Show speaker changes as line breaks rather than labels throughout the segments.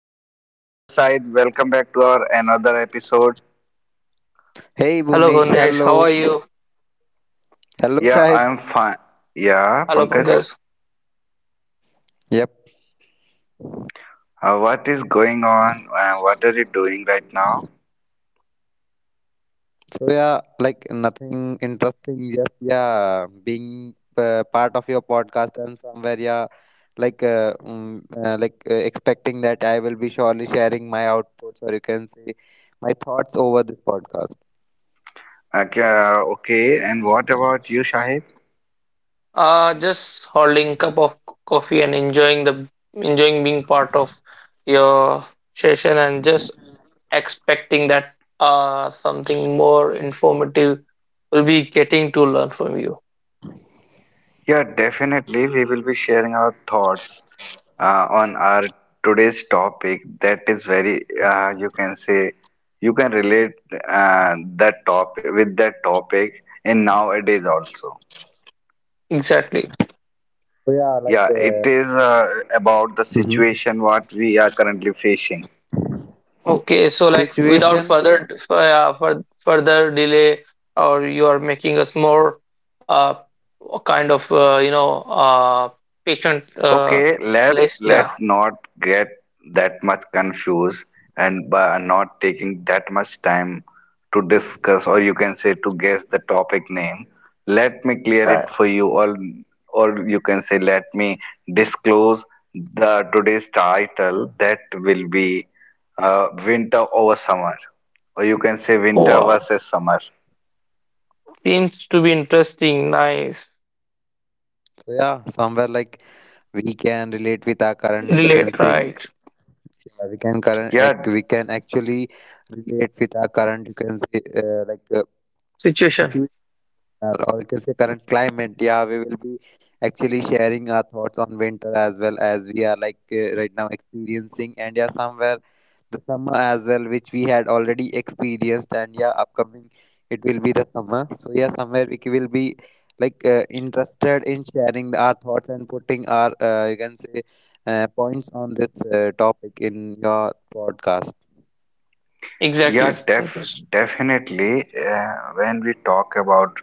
Pankaj, hello Said, welcome back to our another episode.
Hey
Hello,
Bunish,
Bhunesh. How are
hello.
you?
Hello
Yeah,
Shahid.
I'm fine. Yeah,
Hello,
Pankaj,
Pankaj.
Yep.
what is going on? What are you doing right now?
So yeah, like nothing interesting. Just yeah, being part of your podcast and somewhere yeah, expecting that I will be surely sharing my outputs or you can say my thoughts over this podcast.
Okay, okay, and what about you, Shahid?
Just holding cup of coffee and enjoying being part of your session and just expecting that something more informative will be getting to learn from you.
Yeah, definitely, we will be sharing our thoughts on our today's topic. That is very, you can say, you can relate that topic with that topic in nowadays also.
Exactly.
So yeah,
Yeah, it is about the
Mhm.
situation what we are currently facing.
Okay, so like without
situation.
further further delay, or you are making us more uh kind of uh patient uh
Okay, let
list.
let
Yeah.
not get that much confused and by not taking that much time to discuss or you can say to guess the topic name. Let me clear it
Right.
for you or you can say let me disclose the today's title that will be winter over summer or you can say winter
Wow.
versus summer.
Seems to be interesting. Nice.
So yeah, somewhere like we can relate with our current you can
Relate,
say
right?
Yeah,
We can actually relate with our current you can say
Situation.
situation or you can say current climate. Yeah, we will be actually sharing our thoughts on winter as well as we are right now experiencing, and yeah, somewhere the summer as well, which we had already experienced, and yeah, upcoming it will be the summer. So yeah, somewhere we will be interested in sharing our thoughts and putting our you can say points on this topic in your podcast.
Exactly.
Yeah, def
Pankaj.
definitely. When we talk about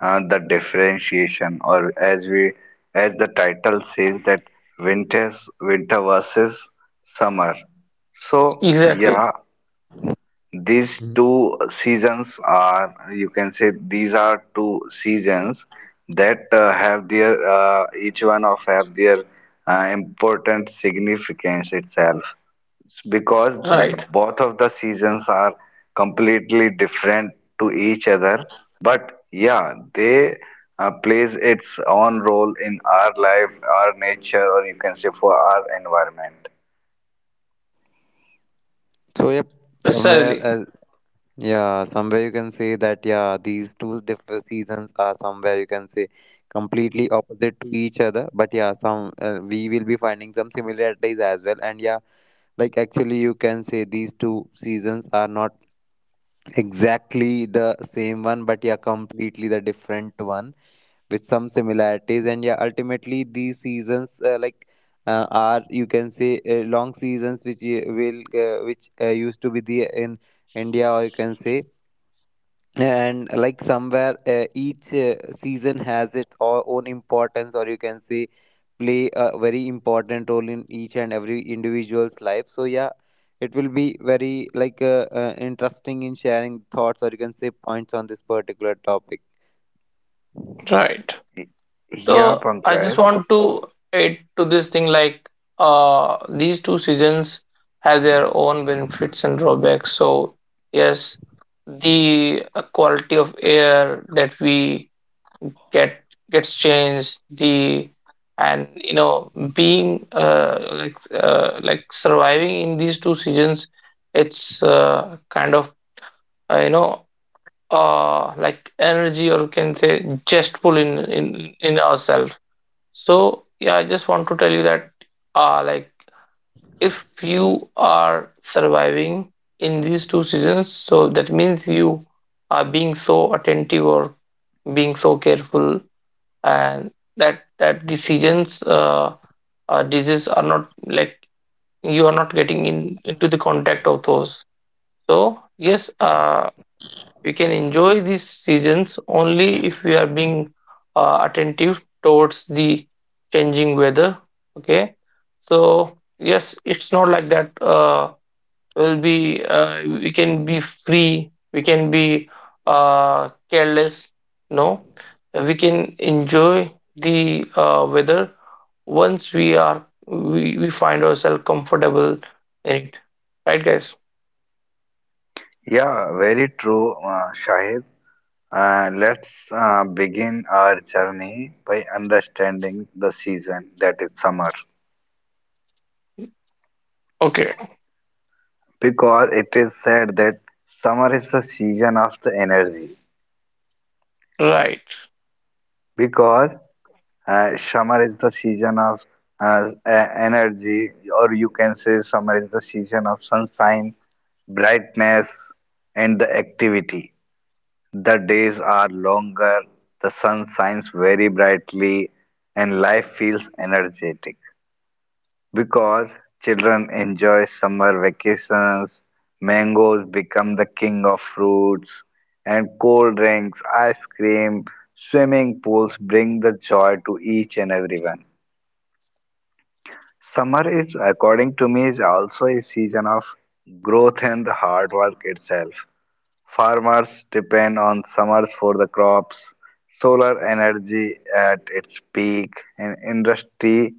the differentiation, or as we as the title says that winter versus summer. So
Exactly.
yeah, these
Mhm.
two seasons are you can say these are two seasons that have their each one of have their important significance itself because
Right.
both of the seasons are completely different to each other but yeah they plays its own role in our life our nature or you can say for our environment
So yep, somewhere
Precisely.
yeah, somewhere you can say that, yeah, these two different seasons are somewhere you can say completely opposite to each other. But yeah, some we will be finding some similarities as well. And yeah, like actually, you can say these two seasons are not exactly the same one, but yeah, completely the different one with some similarities. And yeah, ultimately, these seasons are you can say long seasons which you will which used to be the in India or you can say and like somewhere each season has its own importance or you can say play a very important role in each and every individual's life. So yeah, it will be very interesting in sharing thoughts or you can say points on this particular topic.
Right.
Y- yeah
So I just
pankaj
want to add to this thing, like these two seasons have their own benefits and drawbacks. So yes, the quality of air that we get gets changed, the and you know, being like surviving in these two seasons, it's kind of uh, you know like energy, or you can say jestful in ourselves. So yeah, I just want to tell you that like, if you are surviving in these two seasons, so that means you are being so attentive or being so careful, and that the seasons disease are not like, you are not getting in into the contact of those. So yes, we can enjoy these seasons only if we are being attentive towards the changing weather. Okay, so yes, it's not like that will be, we can be free, we can be careless. No, we can enjoy the weather once we are, we find ourselves comfortable in it, right guys?
yeah very true shahid, let's begin our journey by understanding the season that is summer
Okay.
because it is said that summer is the season of the energy
Right.
because summer is the season of energy, or you can say summer is the season of sunshine, brightness, and the activity. The days are longer, the sun shines very brightly, and life feels energetic because children enjoy summer vacations, mangoes become the king of fruits, and cold drinks, ice cream, swimming pools bring the joy to each and everyone. Summer is, according to me, is also a season of growth and hard work itself. Farmers depend on summers for the crops, solar energy at its peak, and industry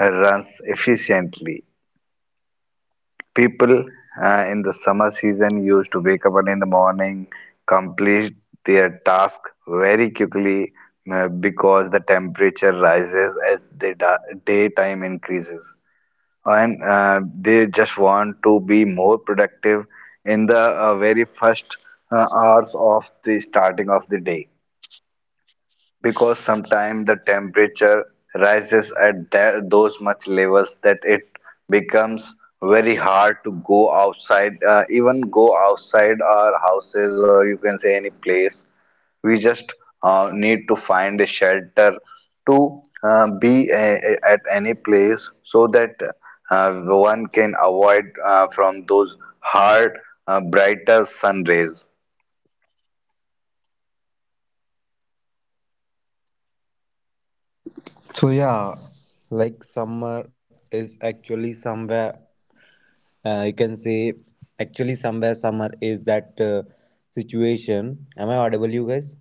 runs efficiently. People in the summer season used to wake up early in the morning, complete their task very quickly because the temperature rises as the daytime increases and they just want to be more productive in the very first hours of the starting of the day because sometimes the temperature rises at that, those much levels that it becomes very hard to go outside, even go outside our houses or you can say any place we just need to find a shelter to at any place so that one can avoid from those hard brighter sun rays.
So yeah, like summer is actually somewhere you can say actually somewhere summer is that situation. Am I audible, you guys?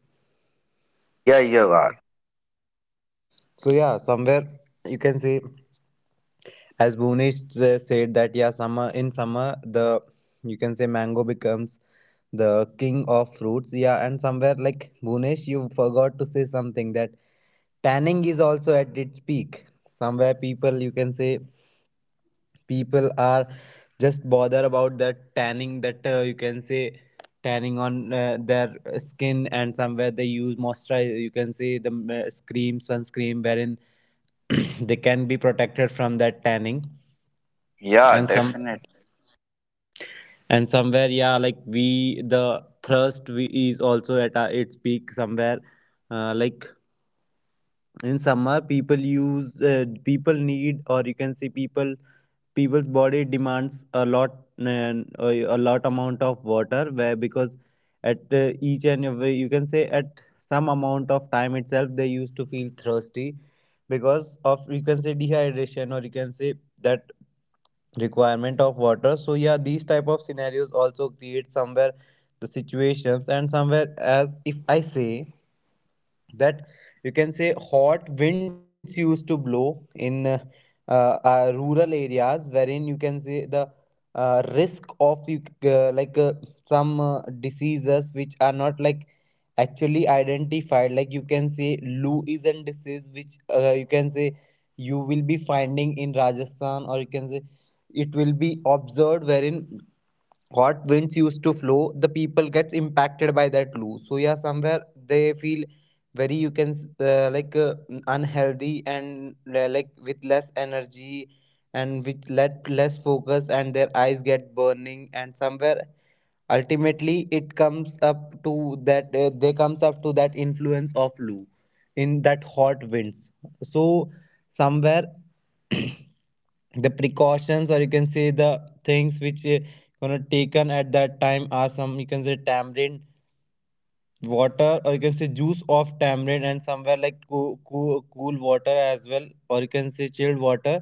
Yeah, you are.
So yeah, somewhere you can say as Bhunesh said that yeah, summer in summer the you can say mango becomes the king of fruits. Yeah, and somewhere like Bhunesh, you forgot to say something that tanning is also at its peak. Somewhere people you can say people are just bother about that tanning that you can say tanning on their skin and somewhere they use moisturizer you can say the cream sunscreen wherein they can be protected from that tanning.
Yeah,
and some
definitely.
and somewhere yeah like we the thirst we is also at its peak somewhere uh, like in summer people need or you can see people's body demands a lot and a lot amount of water where because at each and every you can say at some amount of time itself they used to feel thirsty because of you can say dehydration or you can say that requirement of water. So yeah, these type of scenarios also create somewhere the situations, and somewhere as if I say that you can say hot winds used to blow in rural areas wherein you can say the risk of you like some diseases which are not like actually identified, like you can say lewisian disease which you can say you will be finding in Rajasthan, or you can say it will be observed wherein hot winds used to flow, the people gets impacted by that loo. So yeah, somewhere they feel very you can s- like unhealthy and like with less energy and with let less focus and their eyes get burning, and somewhere ultimately it comes up to that they comes up to that influence of loo in that hot winds. So somewhere the precautions or you can say the things which gonna taken at that time are some you can say tamarind water or you can say juice of tamarind, and somewhere like cool, cool, cool water as well, or you can say chilled water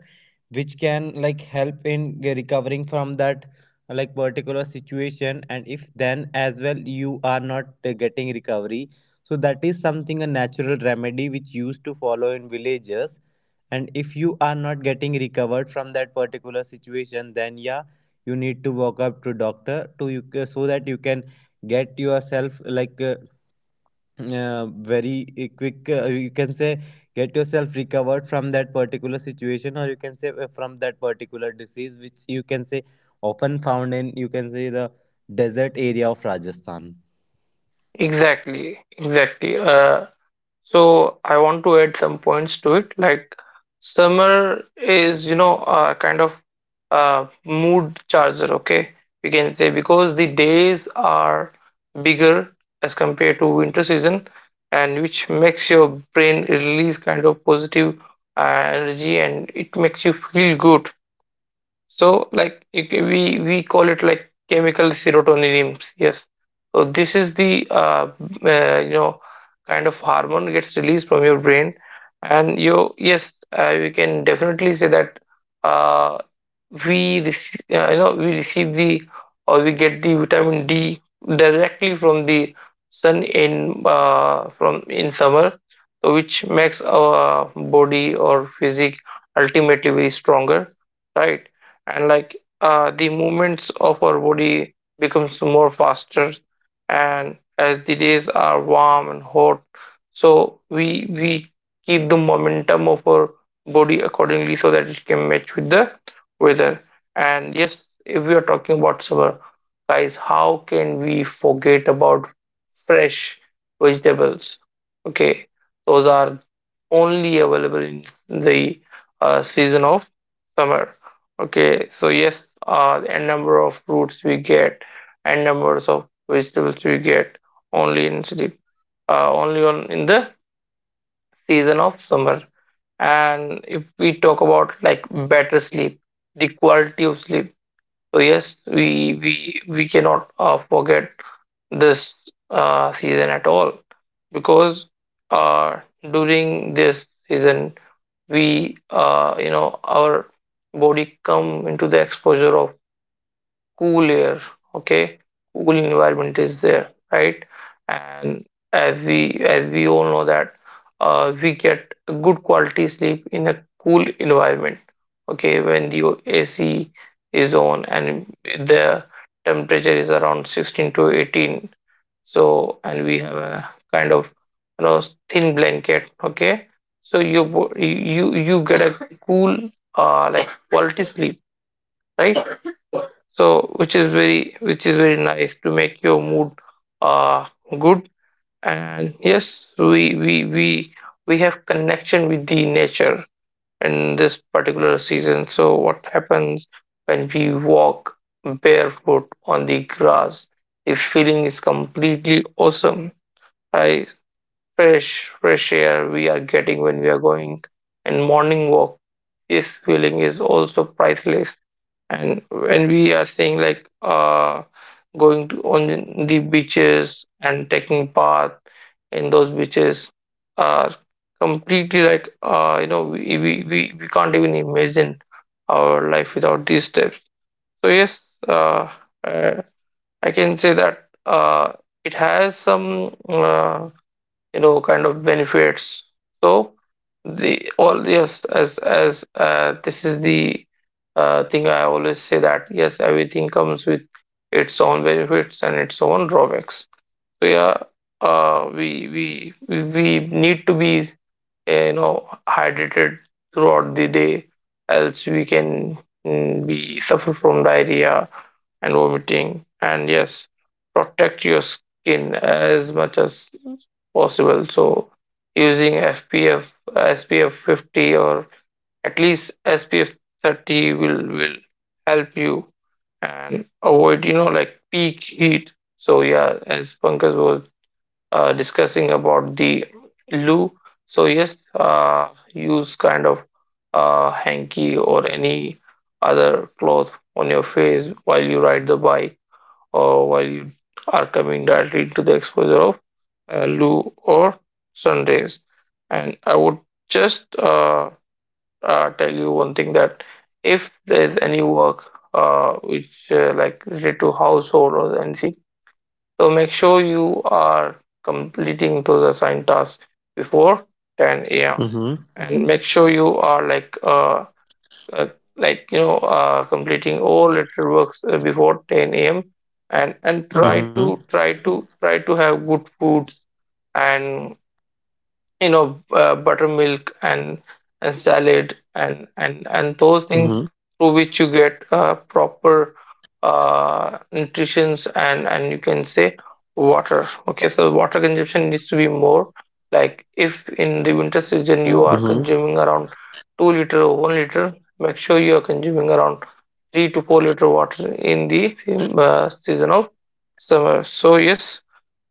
which can like help in recovering from that like particular situation. And if then as well you are not getting recovery, so that is something a natural remedy which used to follow in villages. And if you are not getting recovered from that particular situation, then yeah, you need to walk up to doctor to you so that you can get yourself very quick, you can say get yourself recovered from that particular situation, or you can say from that particular disease which you can say often found in you can say the desert area of Rajasthan.
Exactly, exactly. So I want to add some points to it. Like summer is, you know, a kind of mood charger. Okay, we can say, because the days are bigger as compared to winter season, and which makes your brain release kind of positive energy, and it makes you feel good. So like we call it like chemical serotonin. Yes. So this is the uh, you know kind of hormone gets released from your brain, and you yes, we can definitely say that uh, we receive the, or we get the vitamin D directly from the sun in, from in summer, so which makes our body or physique ultimately very stronger, right? And like the movements of our body becomes more faster, and as the days are warm and hot, so we keep the momentum of our body accordingly so that it can match with the weather. And yes, if we are talking about summer, guys, how can we forget about fresh vegetables? Okay, those are only available in the season of summer. Okay, so yes, the n number of fruits we get, n numbers of vegetables we get only in sleep, only on in the season of summer. And if we talk about like better sleep, the quality of sleep. So yes, we cannot forget this season at all, because uh, during this season we, you know, our body come into the exposure of cool air. Okay, cool environment is there, right? And as we all know that we get a good quality sleep in a cool environment. Okay, when the AC is on and the temperature is around 16 to 18, so and we have a kind of, you know, thin blanket. Okay, so you bo- you get a cool like quality sleep, right? So which is very nice to make your mood uh good. And yes, we have connection with the nature in this particular season. So what happens when we walk barefoot on the grass, the feeling is completely awesome. I Fresh, fresh air we are getting when we are going and morning walk, this feeling is also priceless. And when we are saying like going to on the beaches and taking bath in those beaches are completely like, you know, we can't even imagine our life without these steps. So yes, uh, uh, I can say that it has some you know, kind of benefits. So the all yes, as this is the thing I always say that yes, everything comes with its own benefits and its own drawbacks. So yeah, uh, we we we need to be, you know, hydrated throughout the day, else we can, be suffer from diarrhea and vomiting. And yes, protect your skin as much as possible. So using FPF, SPF 50, or at least SPF 30, will help you, and avoid, you know, like peak heat. So yeah, as Pankaj was discussing about the loo. So yes, use kind of hanky or any other cloth on your face while you ride the bike, or while you are coming directly into the exposure of Lou or sunrays. And I would just tell you one thing that if there is any work which like related to household or anything, so make sure you are completing those assigned tasks before 10 a.m.
Mm-hmm.
And make sure you are like uh, like, you know, completing all literary works before 10 a.m. And
Mm-hmm.
try to have good foods, and you know, buttermilk, and salad, and those things
Mm-hmm.
through which you get proper nutritions, and you can say water. Okay, so water consumption needs to be more. Like if in the winter season you are consuming around 2 liters liter or 1 liter, make sure you are consuming around 3 to 4 liters liter water in the season of summer. So yes,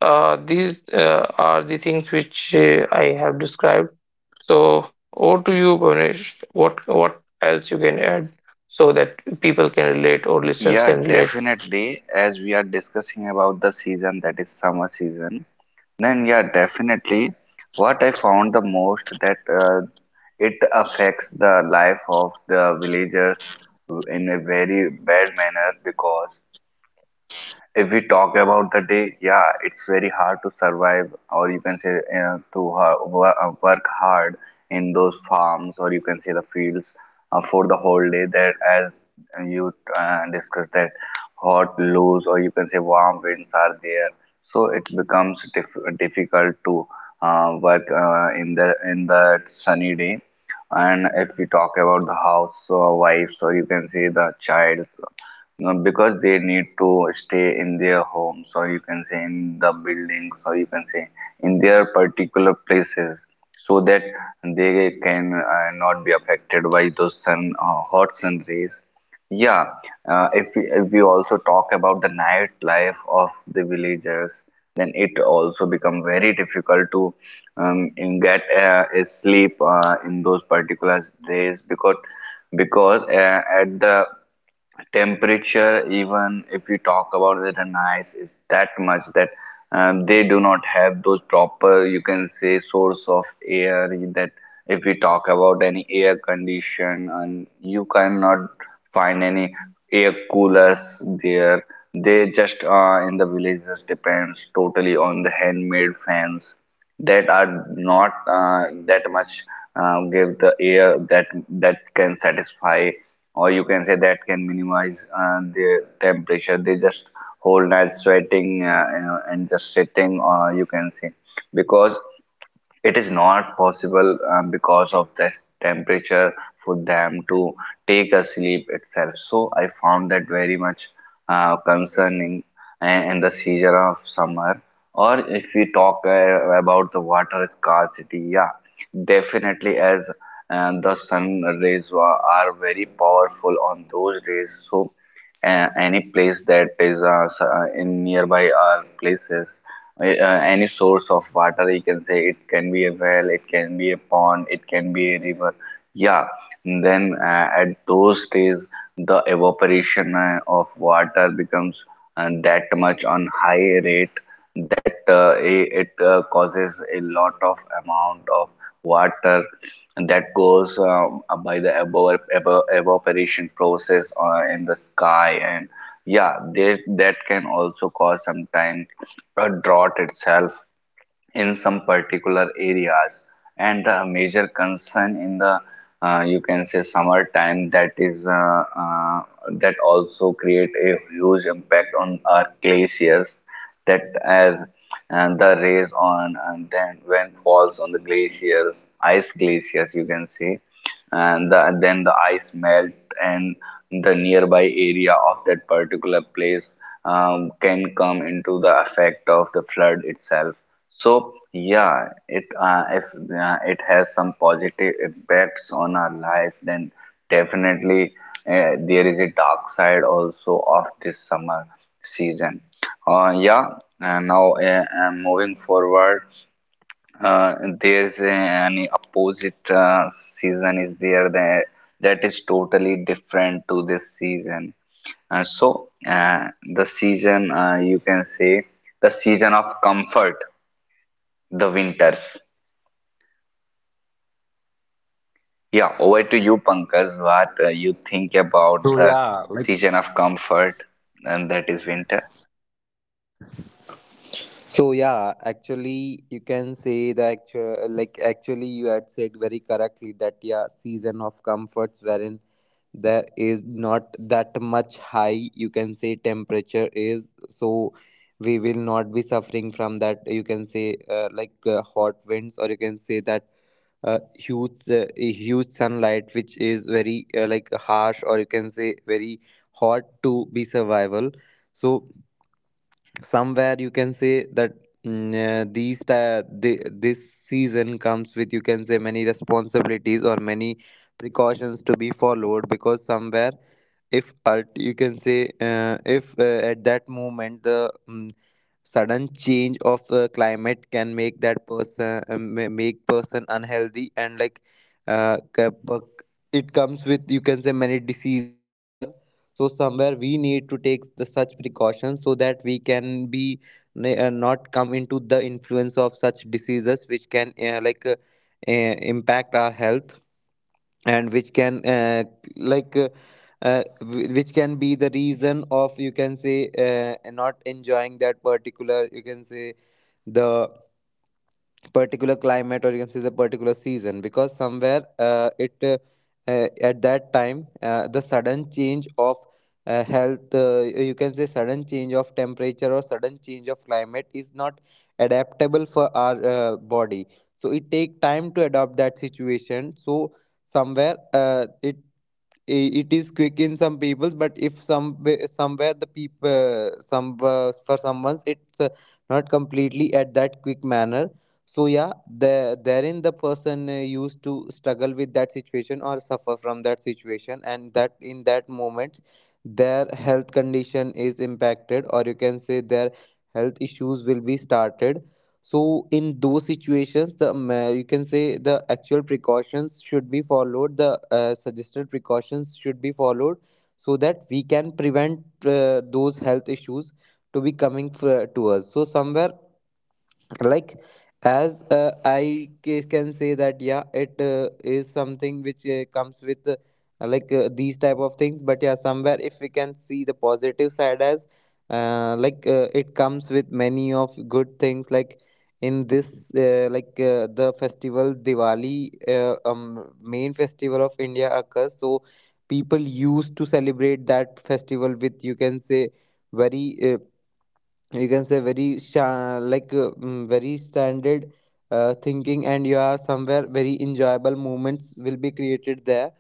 these are the things which I have described. So, over to you, Bhavnesh. What else you can add so that people can relate, or listeners
Yeah,
can relate?
definitely. As we are discussing about the season that is summer season, then yeah, definitely. What I found the most that it affects the life of the villagers in a very bad manner because if we talk about the day, yeah, it's very hard to survive, or you can say to work hard in those farms, or you can say the fields for the whole day. There, as you discussed, that hot, loose, or you can say warm winds are there, so it becomes difficult to work in the sunny day. And if we talk about the house or wives, or you can say the childs because they need to stay in their homes or you can say in the buildings or you can say in their particular places so that they can not be affected by those sun hot sun rays. Yeah, if we also talk about the night life of the villagers then it also become very difficult to get a sleep in those particular days because at the temperature even if we talk about it and ice is that much that they do not have those proper you can say source of air that if we talk about any air condition and you cannot find any air coolers there they just in the villages depends totally on the handmade fans that are not that much give the air that that can satisfy or you can say that can minimize the temperature they just whole night sweating and just sitting or you can say because it is not possible because of the temperature for them to take a sleep itself. So I found that very much concerning in the season of summer. Or if we talk about the water scarcity, yeah, definitely as the sun rays are very powerful on those days. So any place that is in nearby our places any source of water you can say it can be a well it can be a pond it can be a river, yeah, then at those days the evaporation of water becomes that much on high rate that it causes a lot of amount of water that goes by the evaporation process in the sky and yeah they, that can also cause sometimes a drought itself in some particular areas and the major concern in the you can say summer time that is that also create a huge impact on our glaciers that as and the rays on and then when falls on the glaciers ice glaciers you can say and the, then the ice melt and the nearby area of that particular place can come into the effect of the flood itself. So yeah, it if it has some positive impacts on our life, then definitely there is a dark side also of this summer season. Yeah, now moving forward, uh, there's an opposite season is there that that is totally different to this season. So the season you can say the season of comfort, the winters. Yeah, over to you, Pankaj, what you think about the season of comfort, and that is winter.
So yeah, actually you can say the actual, like, actually you had said very correctly that yeah, season of comforts wherein there is not that much high you can say temperature is. So we will not be suffering from that you can say hot winds, or you can say huge a huge sunlight which is very like harsh, or you can say very hot to be survival. So somewhere you can say that this season comes with you can say many responsibilities or many precautions to be followed, because somewhere if alt you can say if at that moment sudden change of climate can make that person make person unhealthy and uh, ca- bu- it comes with you can say many diseases as well. So somewhere we need to take the such precautions so that we can be not come into the influence of such diseases which can impact our health, and which can like uh, which can be the reason of you can say not enjoying that particular you can say the particular climate, or you can say the particular season, because somewhere it at that time the sudden change of health you can say sudden change of temperature or sudden change of climate is not adaptable for our body. So it take time to adopt that situation. So somewhere it is quick in some peoples, but if some somewhere the people some for someone's it's not completely at that quick manner. So yeah, therein the person used to struggle with that situation or suffer from that situation, and that in that moment their health condition is impacted, or you can say their health issues will be started. So in those situations, you can say the actual precautions should be followed. The suggested precautions should be followed so that we can prevent those health issues to be coming to us. So somewhere like as can say that yeah, it is something which comes with these type of things, but yeah, somewhere if we can see the positive side, as it comes with many of good things, like in this the festival Diwali, main festival of India occurs. So people used to celebrate that festival with you can say very you can say very sha- like mm, very standard thinking, and you are somewhere very enjoyable moments will be created there.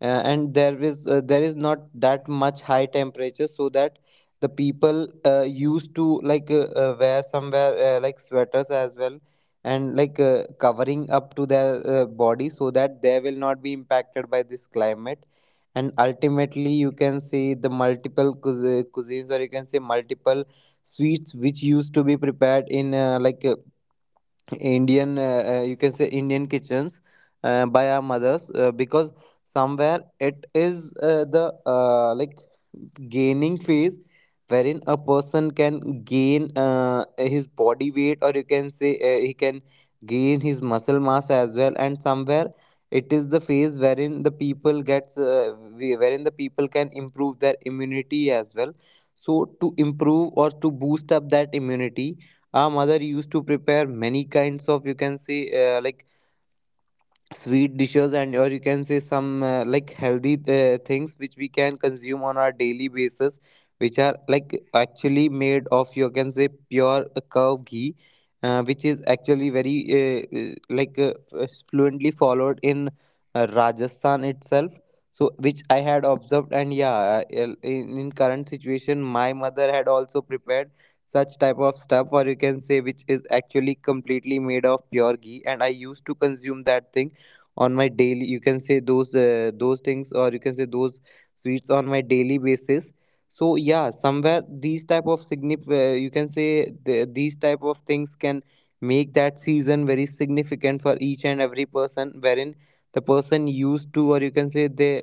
And there is, there is not that much high temperature, so that the people used to wear somewhere like sweaters as well, and covering up to their body so that they will not be impacted by this climate. And ultimately you can see the multiple cuisines, or you can say multiple sweets which used to be prepared in Indian, you can say Indian kitchens by our mothers, because somewhere it is the like gaining phase wherein a person can gain his body weight, or you can say he can gain his muscle mass as well. And somewhere it is the phase wherein the people gets whe- wherein the people can improve their immunity as well. So to improve or to boost up that immunity, our mother used to prepare many kinds of you can say sweet dishes, and or you can say some like healthy things which we can consume on our daily basis, which are like actually made of you can say pure cow ghee, which is actually very fluently followed in Rajasthan itself, so which I had observed. And yeah, in current situation my mother had also prepared such type of stuff, or you can say which is actually completely made of pure ghee, and I used to consume that thing on my daily you can say those things or you can say those sweets on my daily basis. So yeah, somewhere these type of you can say these type of things can make that season very significant for each and every person, wherein the person used to, or you can say they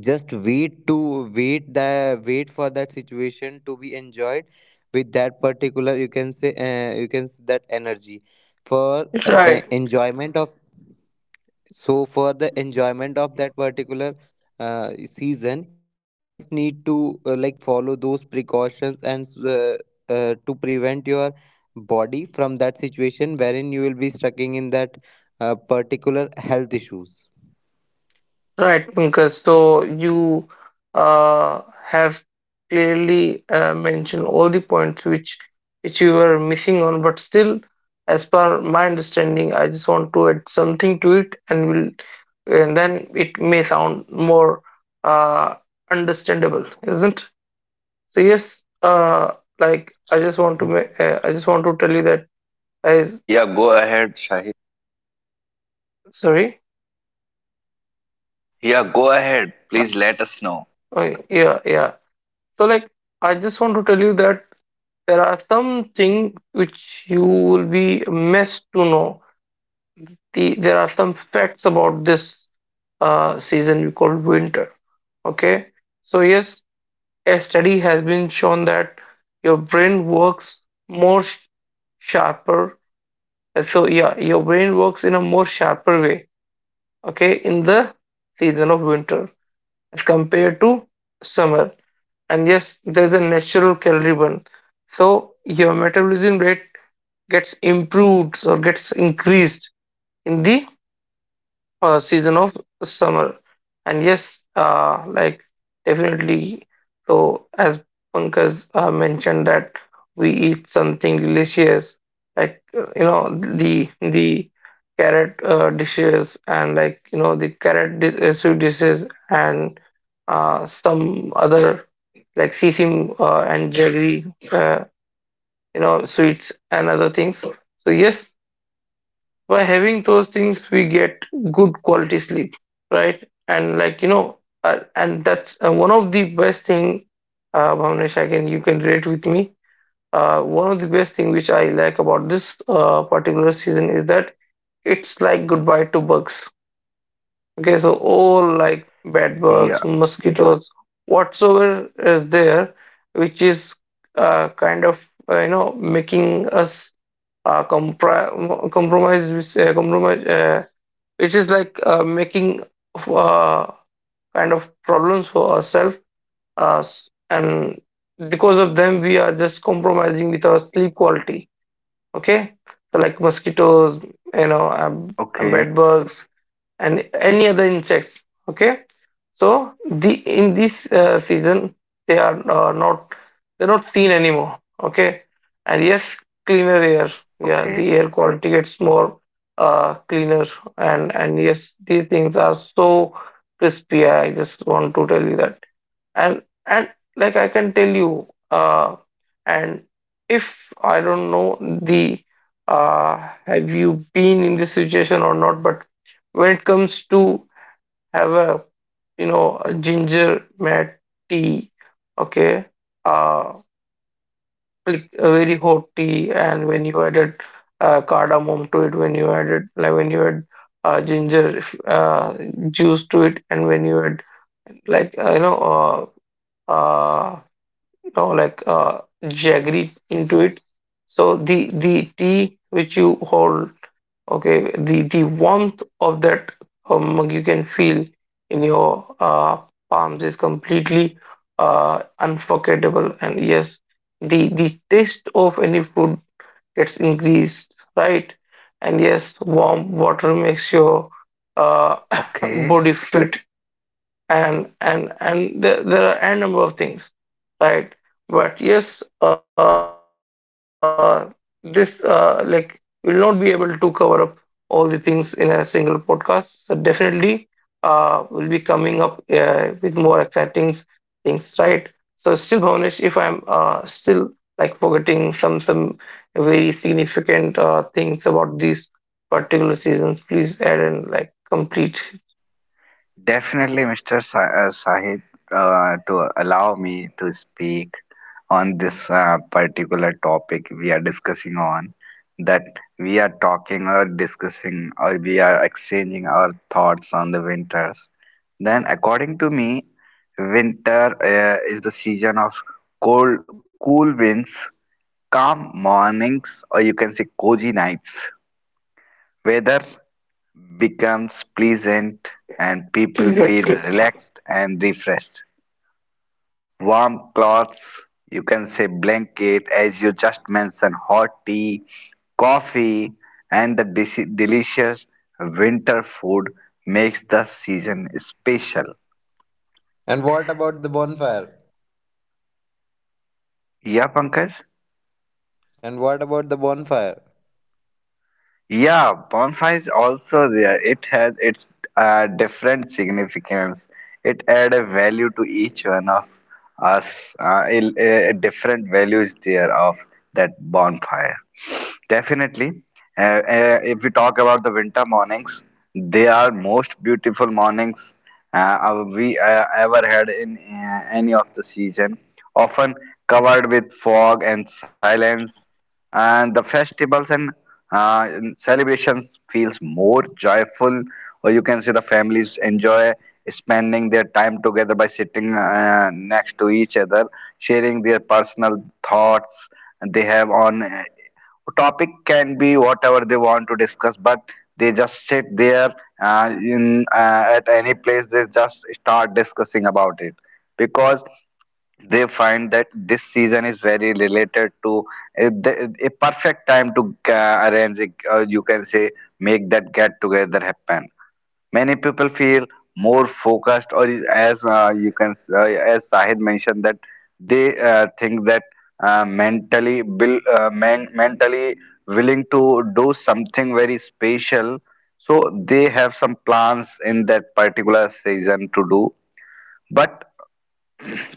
just wait for that situation to be enjoyed with that particular, you can say, you can say, that energy for
Right.
enjoyment of. So for the enjoyment of that particular season, you just need to like follow those precautions, and to prevent your body from that situation wherein you will be stuck in that particular health issues.
Right, Pankaj. So you have clearly mentioned all the points which you were missing on, but still, as per my understanding, I just want to add something to it, and then it may sound more uh, understandable, isn't? So yes, like I just want to tell you that I
Yeah, go ahead, Shahid.
sorry,
Yeah, go ahead. Please let us know.
oh, yeah, yeah. So like I just want to tell you that, there are some things which you will be missed to know. There are some facts about this season we call winter. Okay, so yes, a study has been shown that your brain works sharper. So yeah, your brain works in a more sharper way. Okay, in the season of winter as compared to summer. And yes, there's a natural calorie burn, so your metabolism rate gets improved, or gets increased in the season of summer. And yes, like definitely. So as Pankaj mentioned, that we eat something delicious, like you know, the carrot dishes, and like, you know, the soup dishes, and some other like sisim and jaggery, you know, sweets and other things. So yes, by having those things we get good quality sleep, right? And like, you know, and that's one of the best thing. Bhavnesh, again, you can relate with me. One of the best thing which I like about this particular season is that it's like goodbye to bugs. Okay, so all like bed
Yeah,
bugs, mosquitoes, whatsoever is there, which is kind of you know, making us compromise with compromise which is like making uh, kind of problems for ourselves us, and because of them we are just compromising with our sleep quality. Okay, so like mosquitoes, you know, and
okay,
bed bugs and any other insects. Okay, so the in this season, they are not they're not seen anymore. Okay, and yes, cleaner air. Yeah,
okay,
the air quality gets more cleaner. And yes, these things are so crispy. I just want to tell you that, and like I can tell you, and if I don't know the, uh, have you been in this situation or not, but when it comes to have a, you know, a ginger mat tea. Okay, uh like a very hot tea, and when you added cardamom to it, when you added, like when you add ginger uh, juice to it, and when you add like, uh, uh you know like jaggery into it, so the tea which you hold, okay, the warmth of that mug you can feel in your palms is completely unforgettable. And yes, the taste of any food gets increased, right? And yes, warm water makes your uh,
okay.
body fit. And there, there are a number of things, right? But yes, this like will not be able to cover up all the things in a single podcast. So definitely we'll be coming up with more exciting things, right? So still, Bhavnesh, if I'm still like forgetting some very significant things about these particular seasons, please add and like complete.
Definitely, Mr. Sahid, to allow me to speak on this particular topic we are discussing on, that we are talking or discussing or we are exchanging our thoughts on the winters. Then, according to me, winter is the season of cold, cool winds, calm mornings, or you can say cozy nights. Weather becomes pleasant and people feel
Exactly.
relaxed and refreshed. Warm cloths, you can say blanket, as you just mentioned, hot tea, coffee, and the delicious winter food makes the season special.
And what about the bonfire?
Yeah, Pankaj?
And what about the bonfire?
Yeah, bonfire is also there. It has its different significance. It add a value to each one of us. A different values there of that bonfire. Definitely, if we talk about the winter mornings, they are most beautiful mornings we ever had in any of the season. Often covered with fog and silence, and the festivals and celebrations feels more joyful, or you can say the families enjoy spending their time together by sitting next to each other, sharing their personal thoughts and they have on topic can be whatever they want to discuss, but they just sit there in at any place they just start discussing about it because they find that this season is very related to a perfect time to arrange it, you can say make that get together happen. Many people feel more focused or as you can as sahid mentioned that they think that mentally willing to do something very special so they have some plans in that particular season to do but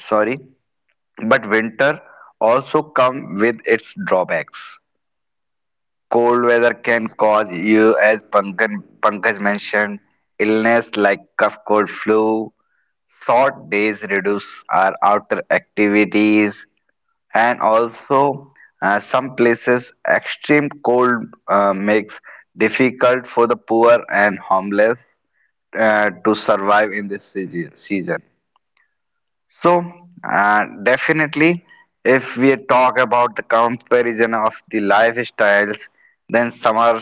sorry but winter also come with its drawbacks. Cold weather can cause you, as Pankaj mentioned, illness like cough, cold, flu. Short days reduce our outdoor activities, and also some places extreme cold makes difficult for the poor and homeless to survive in this season. So, definitely, if we talk about the comparison of the lifestyles, then summer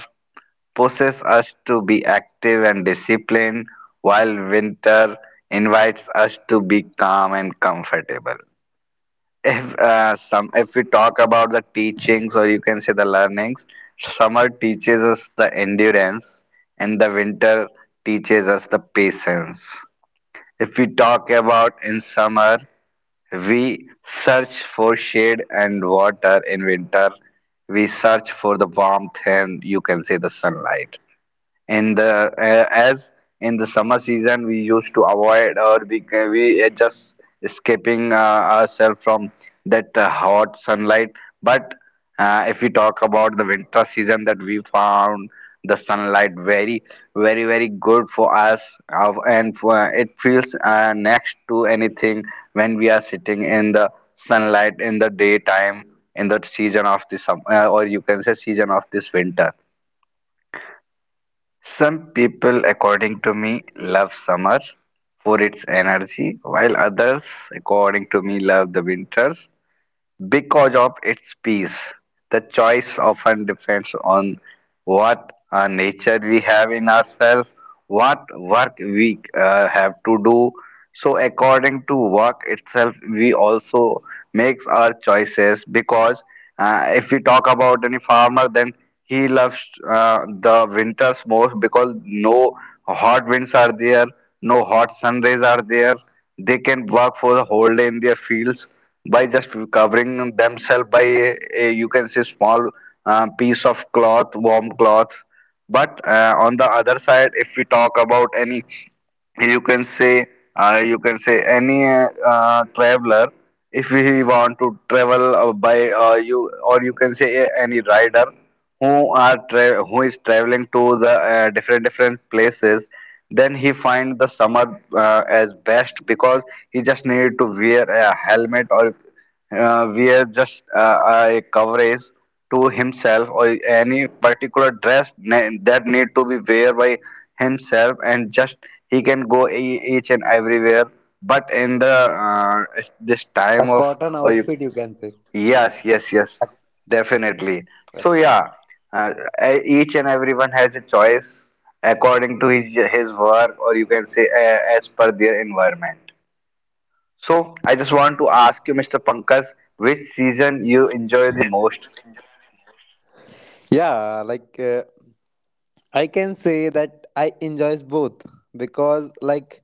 pushes us to be active and disciplined, while winter invites us to be calm and comfortable. If if we talk about the teachings or you can say the learnings, summer teaches us the endurance, and the winter teaches us the patience. If we talk about in summer, we search for shade and water in winter. We search for the warmth and you can say the sunlight in the uh, as in the summer season we used to avoid or we are just escaping ourselves from that hot sunlight. But if we talk about the winter season, that we found the sunlight very good for us, and it feels next to anything when we are sitting in the sunlight in the daytime in the season of the summer, or you can say season of this winter. Some people, according to me, love summer for its energy, while others, according to me, love the winters because of its peace. The choice often depends on what nature we have in ourselves, what work we have to do. So, according to work itself, we also makes our choices. Because if we talk about any farmer, then he loves the winters most because no hot winds are there, no hot sun rays are there. They can work for the whole day in their fields by just covering themselves by a you can say small piece of cloth, warm cloth. But on the other side, if we talk about any, you can say, you can say any, traveler, if we want to travel by, you or you can say any rider who who is traveling to the different places, then he find the summer as best because he just needed to wear a helmet or wear just a coverage to himself, or any particular dress that need to be wear by himself, and just he can go each and everywhere. But in the uh, this
A
time of,
cotton
or you,
outfit, you can say.
yes, yes, yes, definitely. So yeah, uh, each and everyone has a choice according to his work, or you can say as per their environment. So I just want to ask you, Mr. Pankaj, which season you enjoy the most?
Yeah, like, I can say that I enjoys both, because like,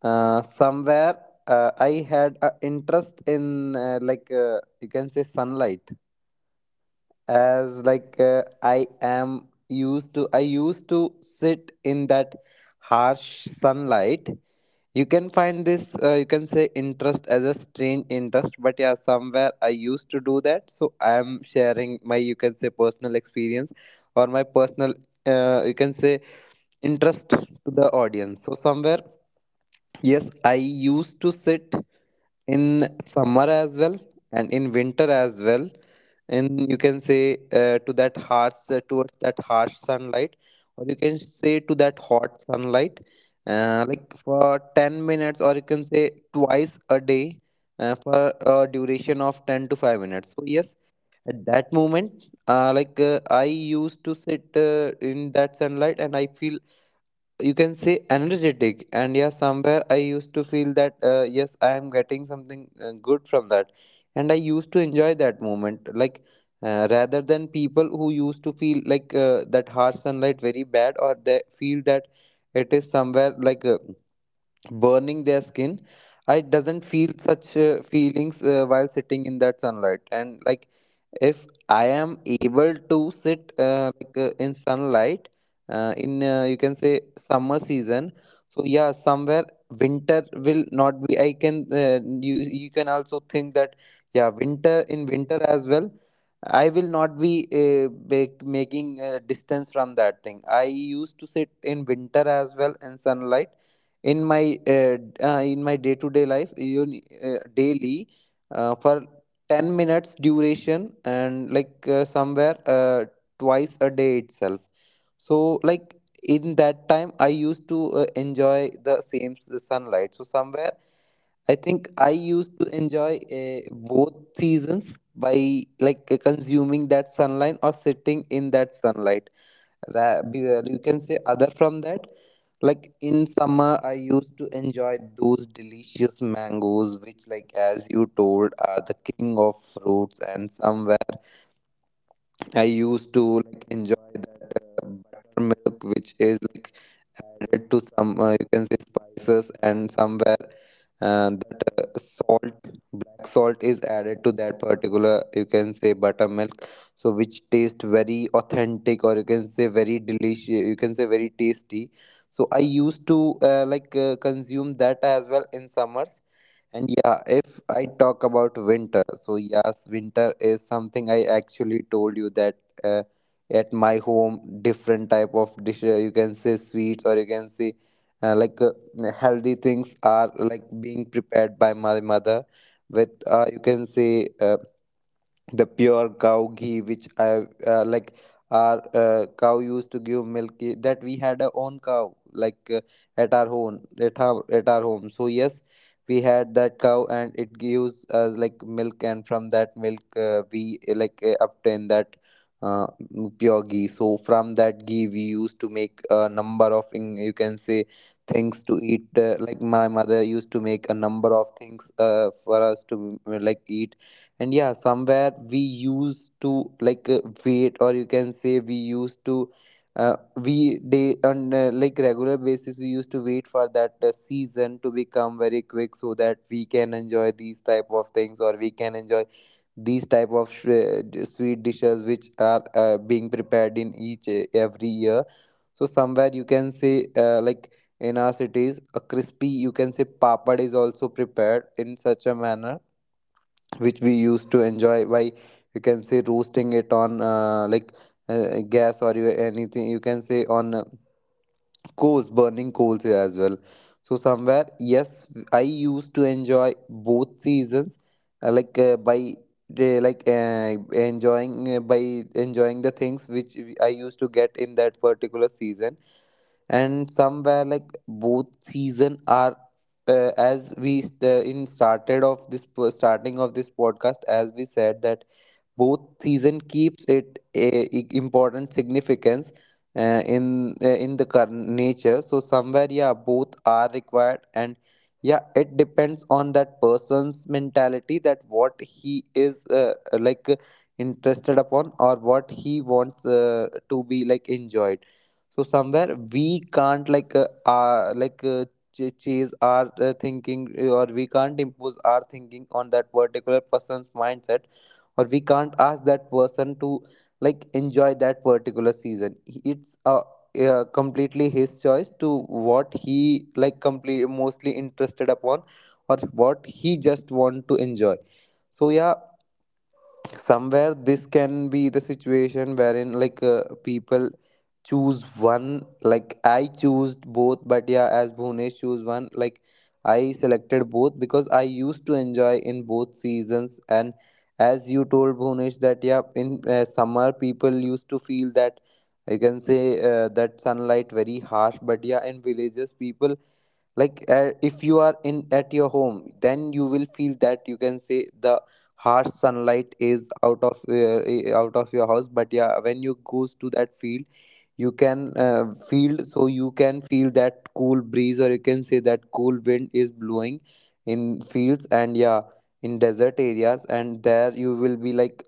somewhere I had an interest in you can say, sunlight, as like, I used to sit in that harsh sunlight. You can find this, you can say, interest as a strange interest, but yeah, somewhere I used to do that. So I am sharing my, you can say, personal experience, or my personal, you can say, interest to the audience. So somewhere, yes, I used to sit in summer as well and in winter as well. And you can say, to that harsh towards that harsh sunlight, or you can say to that hot sunlight, like, for 10 minutes, or you can say twice a day, for a duration of 10 to 5 minutes. So yes, at that moment, like, I used to sit in that sunlight, and I feel, you can say, energetic. And yeah, somewhere I used to feel that, yes, I am getting something good from that, and I used to enjoy that moment, like rather than people who used to feel like that harsh sunlight very bad, or they feel that it is somewhere like burning their skin. I doesn't feel such feelings while sitting in that sunlight. And like, if I am able to sit in sunlight in you can say summer season, so yeah, somewhere winter will not be, I can, you you can also think that, yeah, winter as well I will not be making distance from that thing. I used to sit in winter as well in sunlight, in my uh, d- day to day life, you, daily, for 10 minutes duration, and like, somewhere, twice a day itself. So like, in that time I used to enjoy the same sunlight. So somewhere I think I used to enjoy both seasons by like, consuming that sunlight, or sitting in that sunlight, you can say, other from that, like in summer I used to enjoy those delicious mangoes, which, like as you told, are the king of fruits. And somewhere I used to like enjoy that buttermilk, which is like added to some, you can say, spices. And somewhere, that, salt, black salt is added to that particular, you can say, buttermilk, so which tastes very authentic, or you can say very delicious, you can say very tasty. So I used to consume that as well in summers. And yeah, if I talk about winter, so yes, winter is something I actually told you that, uh, at my home, different type of dish, you can say, sweets, or you can say uh, like uh, healthy things are like being prepared by my mother, with you can say the pure cow ghee which I, like our cow used to give milk, that we had our own cow, like at our home, at our home. So yes, we had that cow and it gives us like milk, and from that milk, we obtain that uh, pure ghee. So from that ghee we used to make a number of, you can say, things to eat, like my mother used to make a number of things, for us to like eat. And yeah, somewhere we used to like wait, or you can say we used to we day on like, regular basis we used to wait for that season to become very quick, so that we can enjoy these type of things, or we can enjoy these type of sweet dishes, which are being prepared in each every year. So somewhere, you can say, like in our cities a crispy, you can say, papad is also prepared in such a manner, which we used to enjoy by, you can say, roasting it on gas, or anything, you can say, on coals burning coals here as well. So somewhere, yes, I used to enjoy both seasons by like enjoying by enjoying the things which I used to get in that particular season. And somewhere, like, both season are, as we st- in started of this starting of this podcast, as we said, that both season keeps it a, important significance uh, in in the current nature. So somewhere, yeah, both are required, and yeah, it depends on that person's mentality, that what he is like uh, interested upon, or what he wants to be like enjoyed. So somewhere we can't like, uh like uh, chase our thinking, or we can't impose our thinking on that particular person's mindset, or we can't ask that person to like enjoy that particular season. It's a, completely his choice to what he like, complete, mostly interested upon, or what he just want to enjoy. So yeah, somewhere this can be the situation wherein like, people choose one, like I choose both. But yeah, as Bhunesh choose one, like I selected both, because I used to enjoy in both seasons. And as you told, Bhunesh, that yeah, in summer people used to feel that, I can say, that sunlight very harsh. But yeah, in villages people like, if you are in at your home, then you will feel that, you can say, the harsh sunlight is out of, out of your house. But yeah, when you goes to that field, you can, field so you can feel that cool breeze, or you can say that cool wind is blowing in fields. And yeah, in desert areas, and there you will be like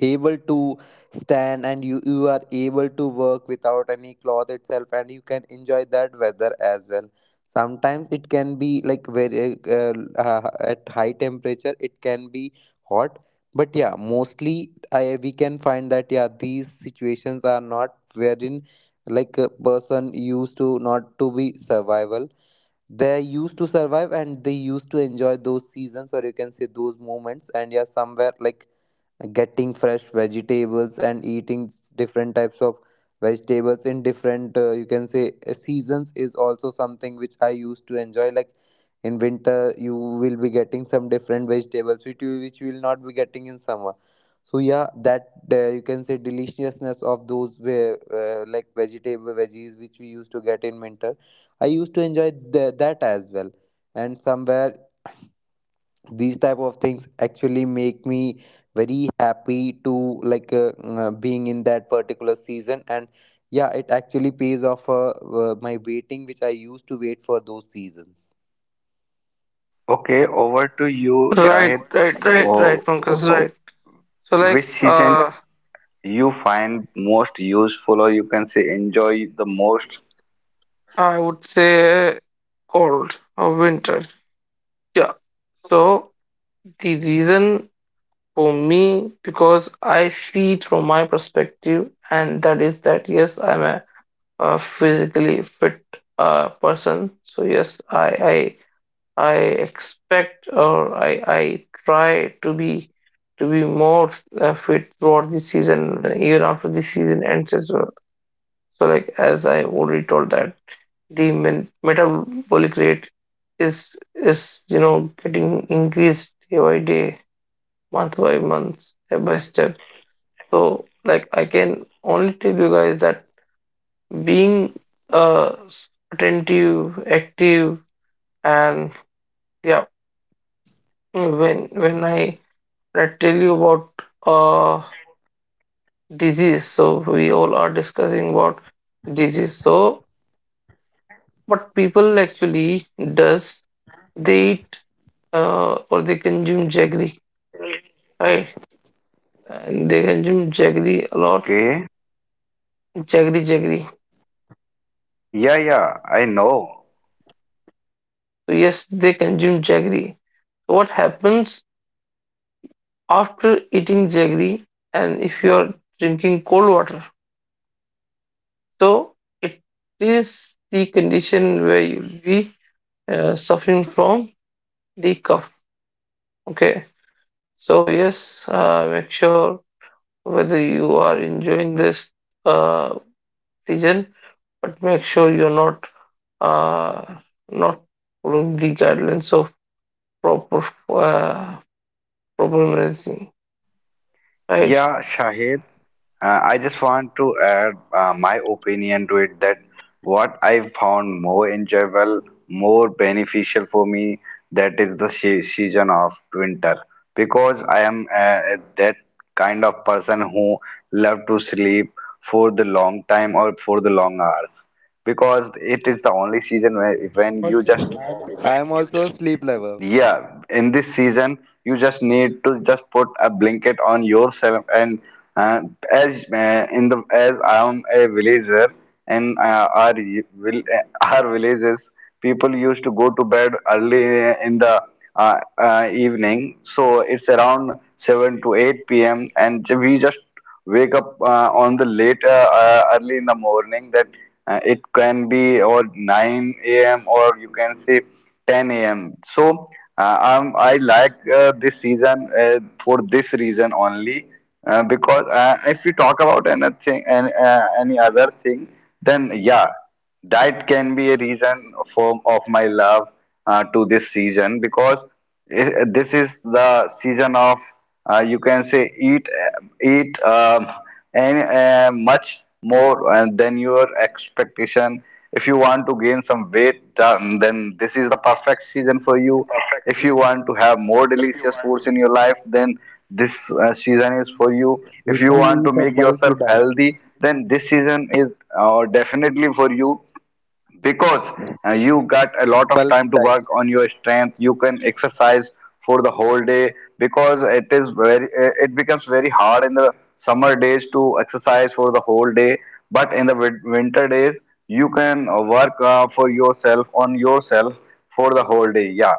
able to stand, and you are able to work without any cloth itself, and you can enjoy that weather as well. Sometimes it can be like very, at high temperature it can be hot. But yeah, mostly we can find that yeah, these situations are not wherein like a person used to not to be survival. They used to survive and they used to enjoy those seasons, or you can say those moments. And yeah, somewhere, like, getting fresh vegetables and eating different types of vegetables in different, you can say, seasons is also something which I used to enjoy. Like in winter you will be getting some different vegetables which, you which you will not be getting in summer. So yeah, that, you can say, deliciousness of those, ve- like vegetable veggies which we used to get in winter, I used to enjoy that as well. And somewhere these type of things actually make me very happy to, like, being in that particular season. And yeah, it actually pays off, my waiting which I used to wait for those seasons.
Okay, over to you,
Right,
Shahid.
right, right, right,
Oh,
Pankaj, right. So, like,
which season you find most useful, or you can say enjoy the most?
I would say cold or winter. Yeah. So, the reason for me, because I see it from my perspective, and that is that, yes, I'm a, physically fit person. So, yes, I expect, or I try to be more fit throughout the season, even after the season ends as well. So, like as I already told, that metabolic rate is you know, getting increased day by day, month by month, step by step. So, like I can only tell you guys that being attentive, active, and yeah, when when I when I tell you about disease, so we all are discussing about disease. So, what people actually does, they eat, or they consume jaggery, right? And they consume jaggery a lot,
Okay.
jaggery.
Yeah, yeah, I know.
So yes, they consume jaggery. So, what happens after eating jaggery, and if you are drinking cold water? So it is the condition where you'll be suffering from the cough. Okay, so yes, make sure whether you are enjoying this uh, season, but make sure you're not uh, not following the guidelines of proper uh, proper managing, right?
Yeah, Shahid. I just want to add my opinion to it that what I found more enjoyable, more beneficial for me, that is the season of winter because I am, that kind of person who love to sleep for the long time or for the long hours, because it is the only season where
Yeah, I'm
when you just,
also. I'm, also a sleep lover.
yeah, in this season, you just need to just put a blanket on yourself. And, uh, as in the as I am a villager, and our villages people used to go to bed early in the evening. So it's around 7 to 8 p.m. and we just wake up on the late early in the morning, that it can be or 9 a.m. or you can say 10 a.m. So I like this season for this reason only. Because if we talk about anything and any other thing, then yeah, that can be a reason for of my love to this season. Because this is the season of, you can say, eat, and much more than your expectation. If you want to gain some weight, then this is the perfect season for you. If you want to have more delicious foods in your life, then this season is for you. If
You
you
can
want to
eat a
make
bulky
yourself
diet.
healthy, then this season is definitely for you, because you got a lot of time
Bulky
to
diet.
work on your strength. You can exercise for the whole day, because it is very, it becomes very hard in the summer days to exercise for the whole day, but in the winter days, you can work for yourself, on yourself, for the whole day. Yeah,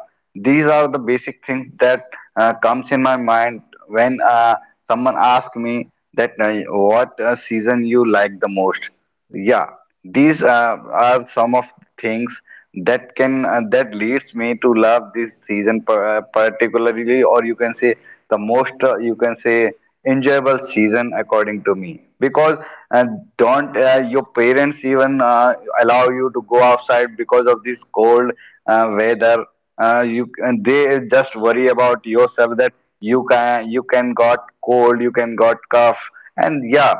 these are the basic things that comes in my mind when someone asks me that what season you like the most. Yeah, these are some of things that can that leads me to love this season, particularly, or you can say the most, you can say, enjoyable season according to me. Because uh, don't, your parents even allow you to go outside because of this cold weather? You and they just worry about yourself that you can got cold, you can got cough, and yeah,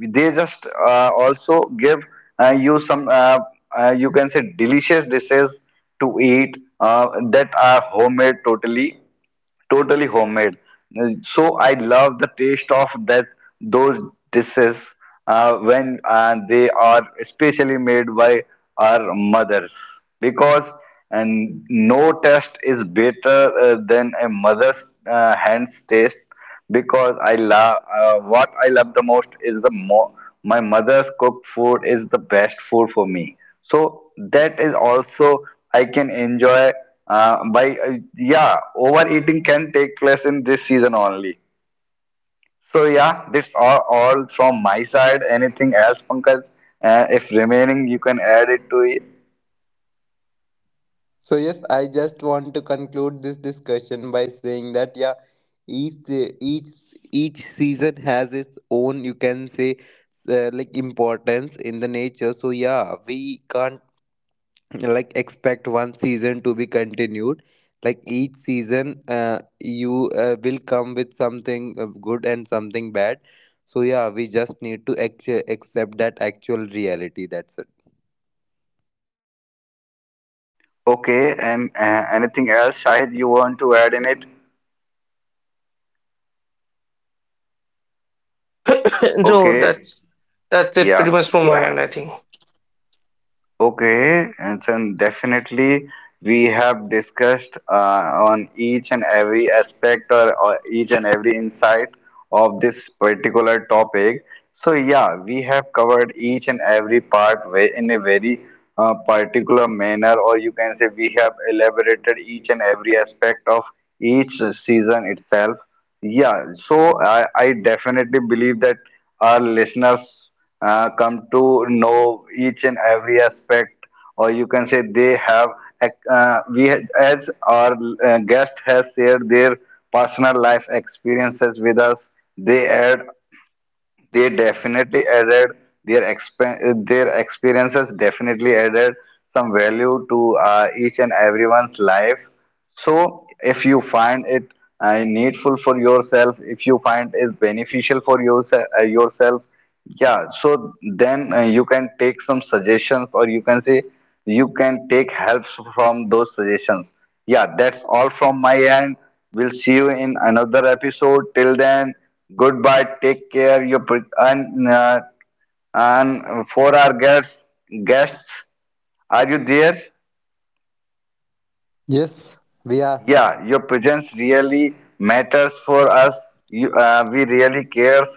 they just also give you some, you can say, delicious dishes to eat, that are homemade, totally totally homemade. So I love the taste of that those dishes when they are especially made by our mothers. Because and no taste is better than a mother's hands taste. Because I love what I love the most is the, my mother's cooked food is the best food for me. So that is also I can enjoy by, overeating can take place in this season only. So yeah, that's all from my side. Anything else, Pankaj? If remaining, you can add it to it.
So yes, I just want to conclude this discussion by saying that, yeah, each se- each season has its own, you can say, like, importance in the nature. So yeah, we can't like expect one season to be continued. Like each season, you will come with something, good and something bad. So yeah, we just need to accept that actual reality. That's it.
Okay, and anything else, Shahid, you want to add in it?
So
Okay,
that's it pretty
yeah.
much from my end, I think.
Okay, and so definitely we have discussed on each and every aspect, or each and every insight of this particular topic. So yeah, we have covered each and every part, in a very particular manner, or you can say we have elaborated each and every aspect of each season itself. Yeah, so I definitely believe that our listeners come to know each and every aspect, or you can say they have, ac- we ha- as our guest has shared their personal life experiences with us, they add they definitely added their, their experiences definitely added some value to each and everyone's life. So if you find it needful for yourself, if you find is beneficial for yourself, yeah, so then you can take some suggestions, or you can say you can take helps from those suggestions. Yeah, that's all from my end. We'll see you in another episode. Till then, goodbye. Take care. You pre- and for our guests, are you there?
Yes, we are.
Yeah, your presence really matters for us. We really cares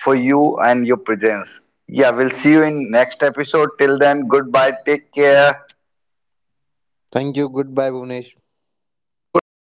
for you and your presence. Yeah, we'll see you in next episode. Till then, goodbye. Take care.
Thank you. Goodbye, Bhuvnesh.
Goodbye,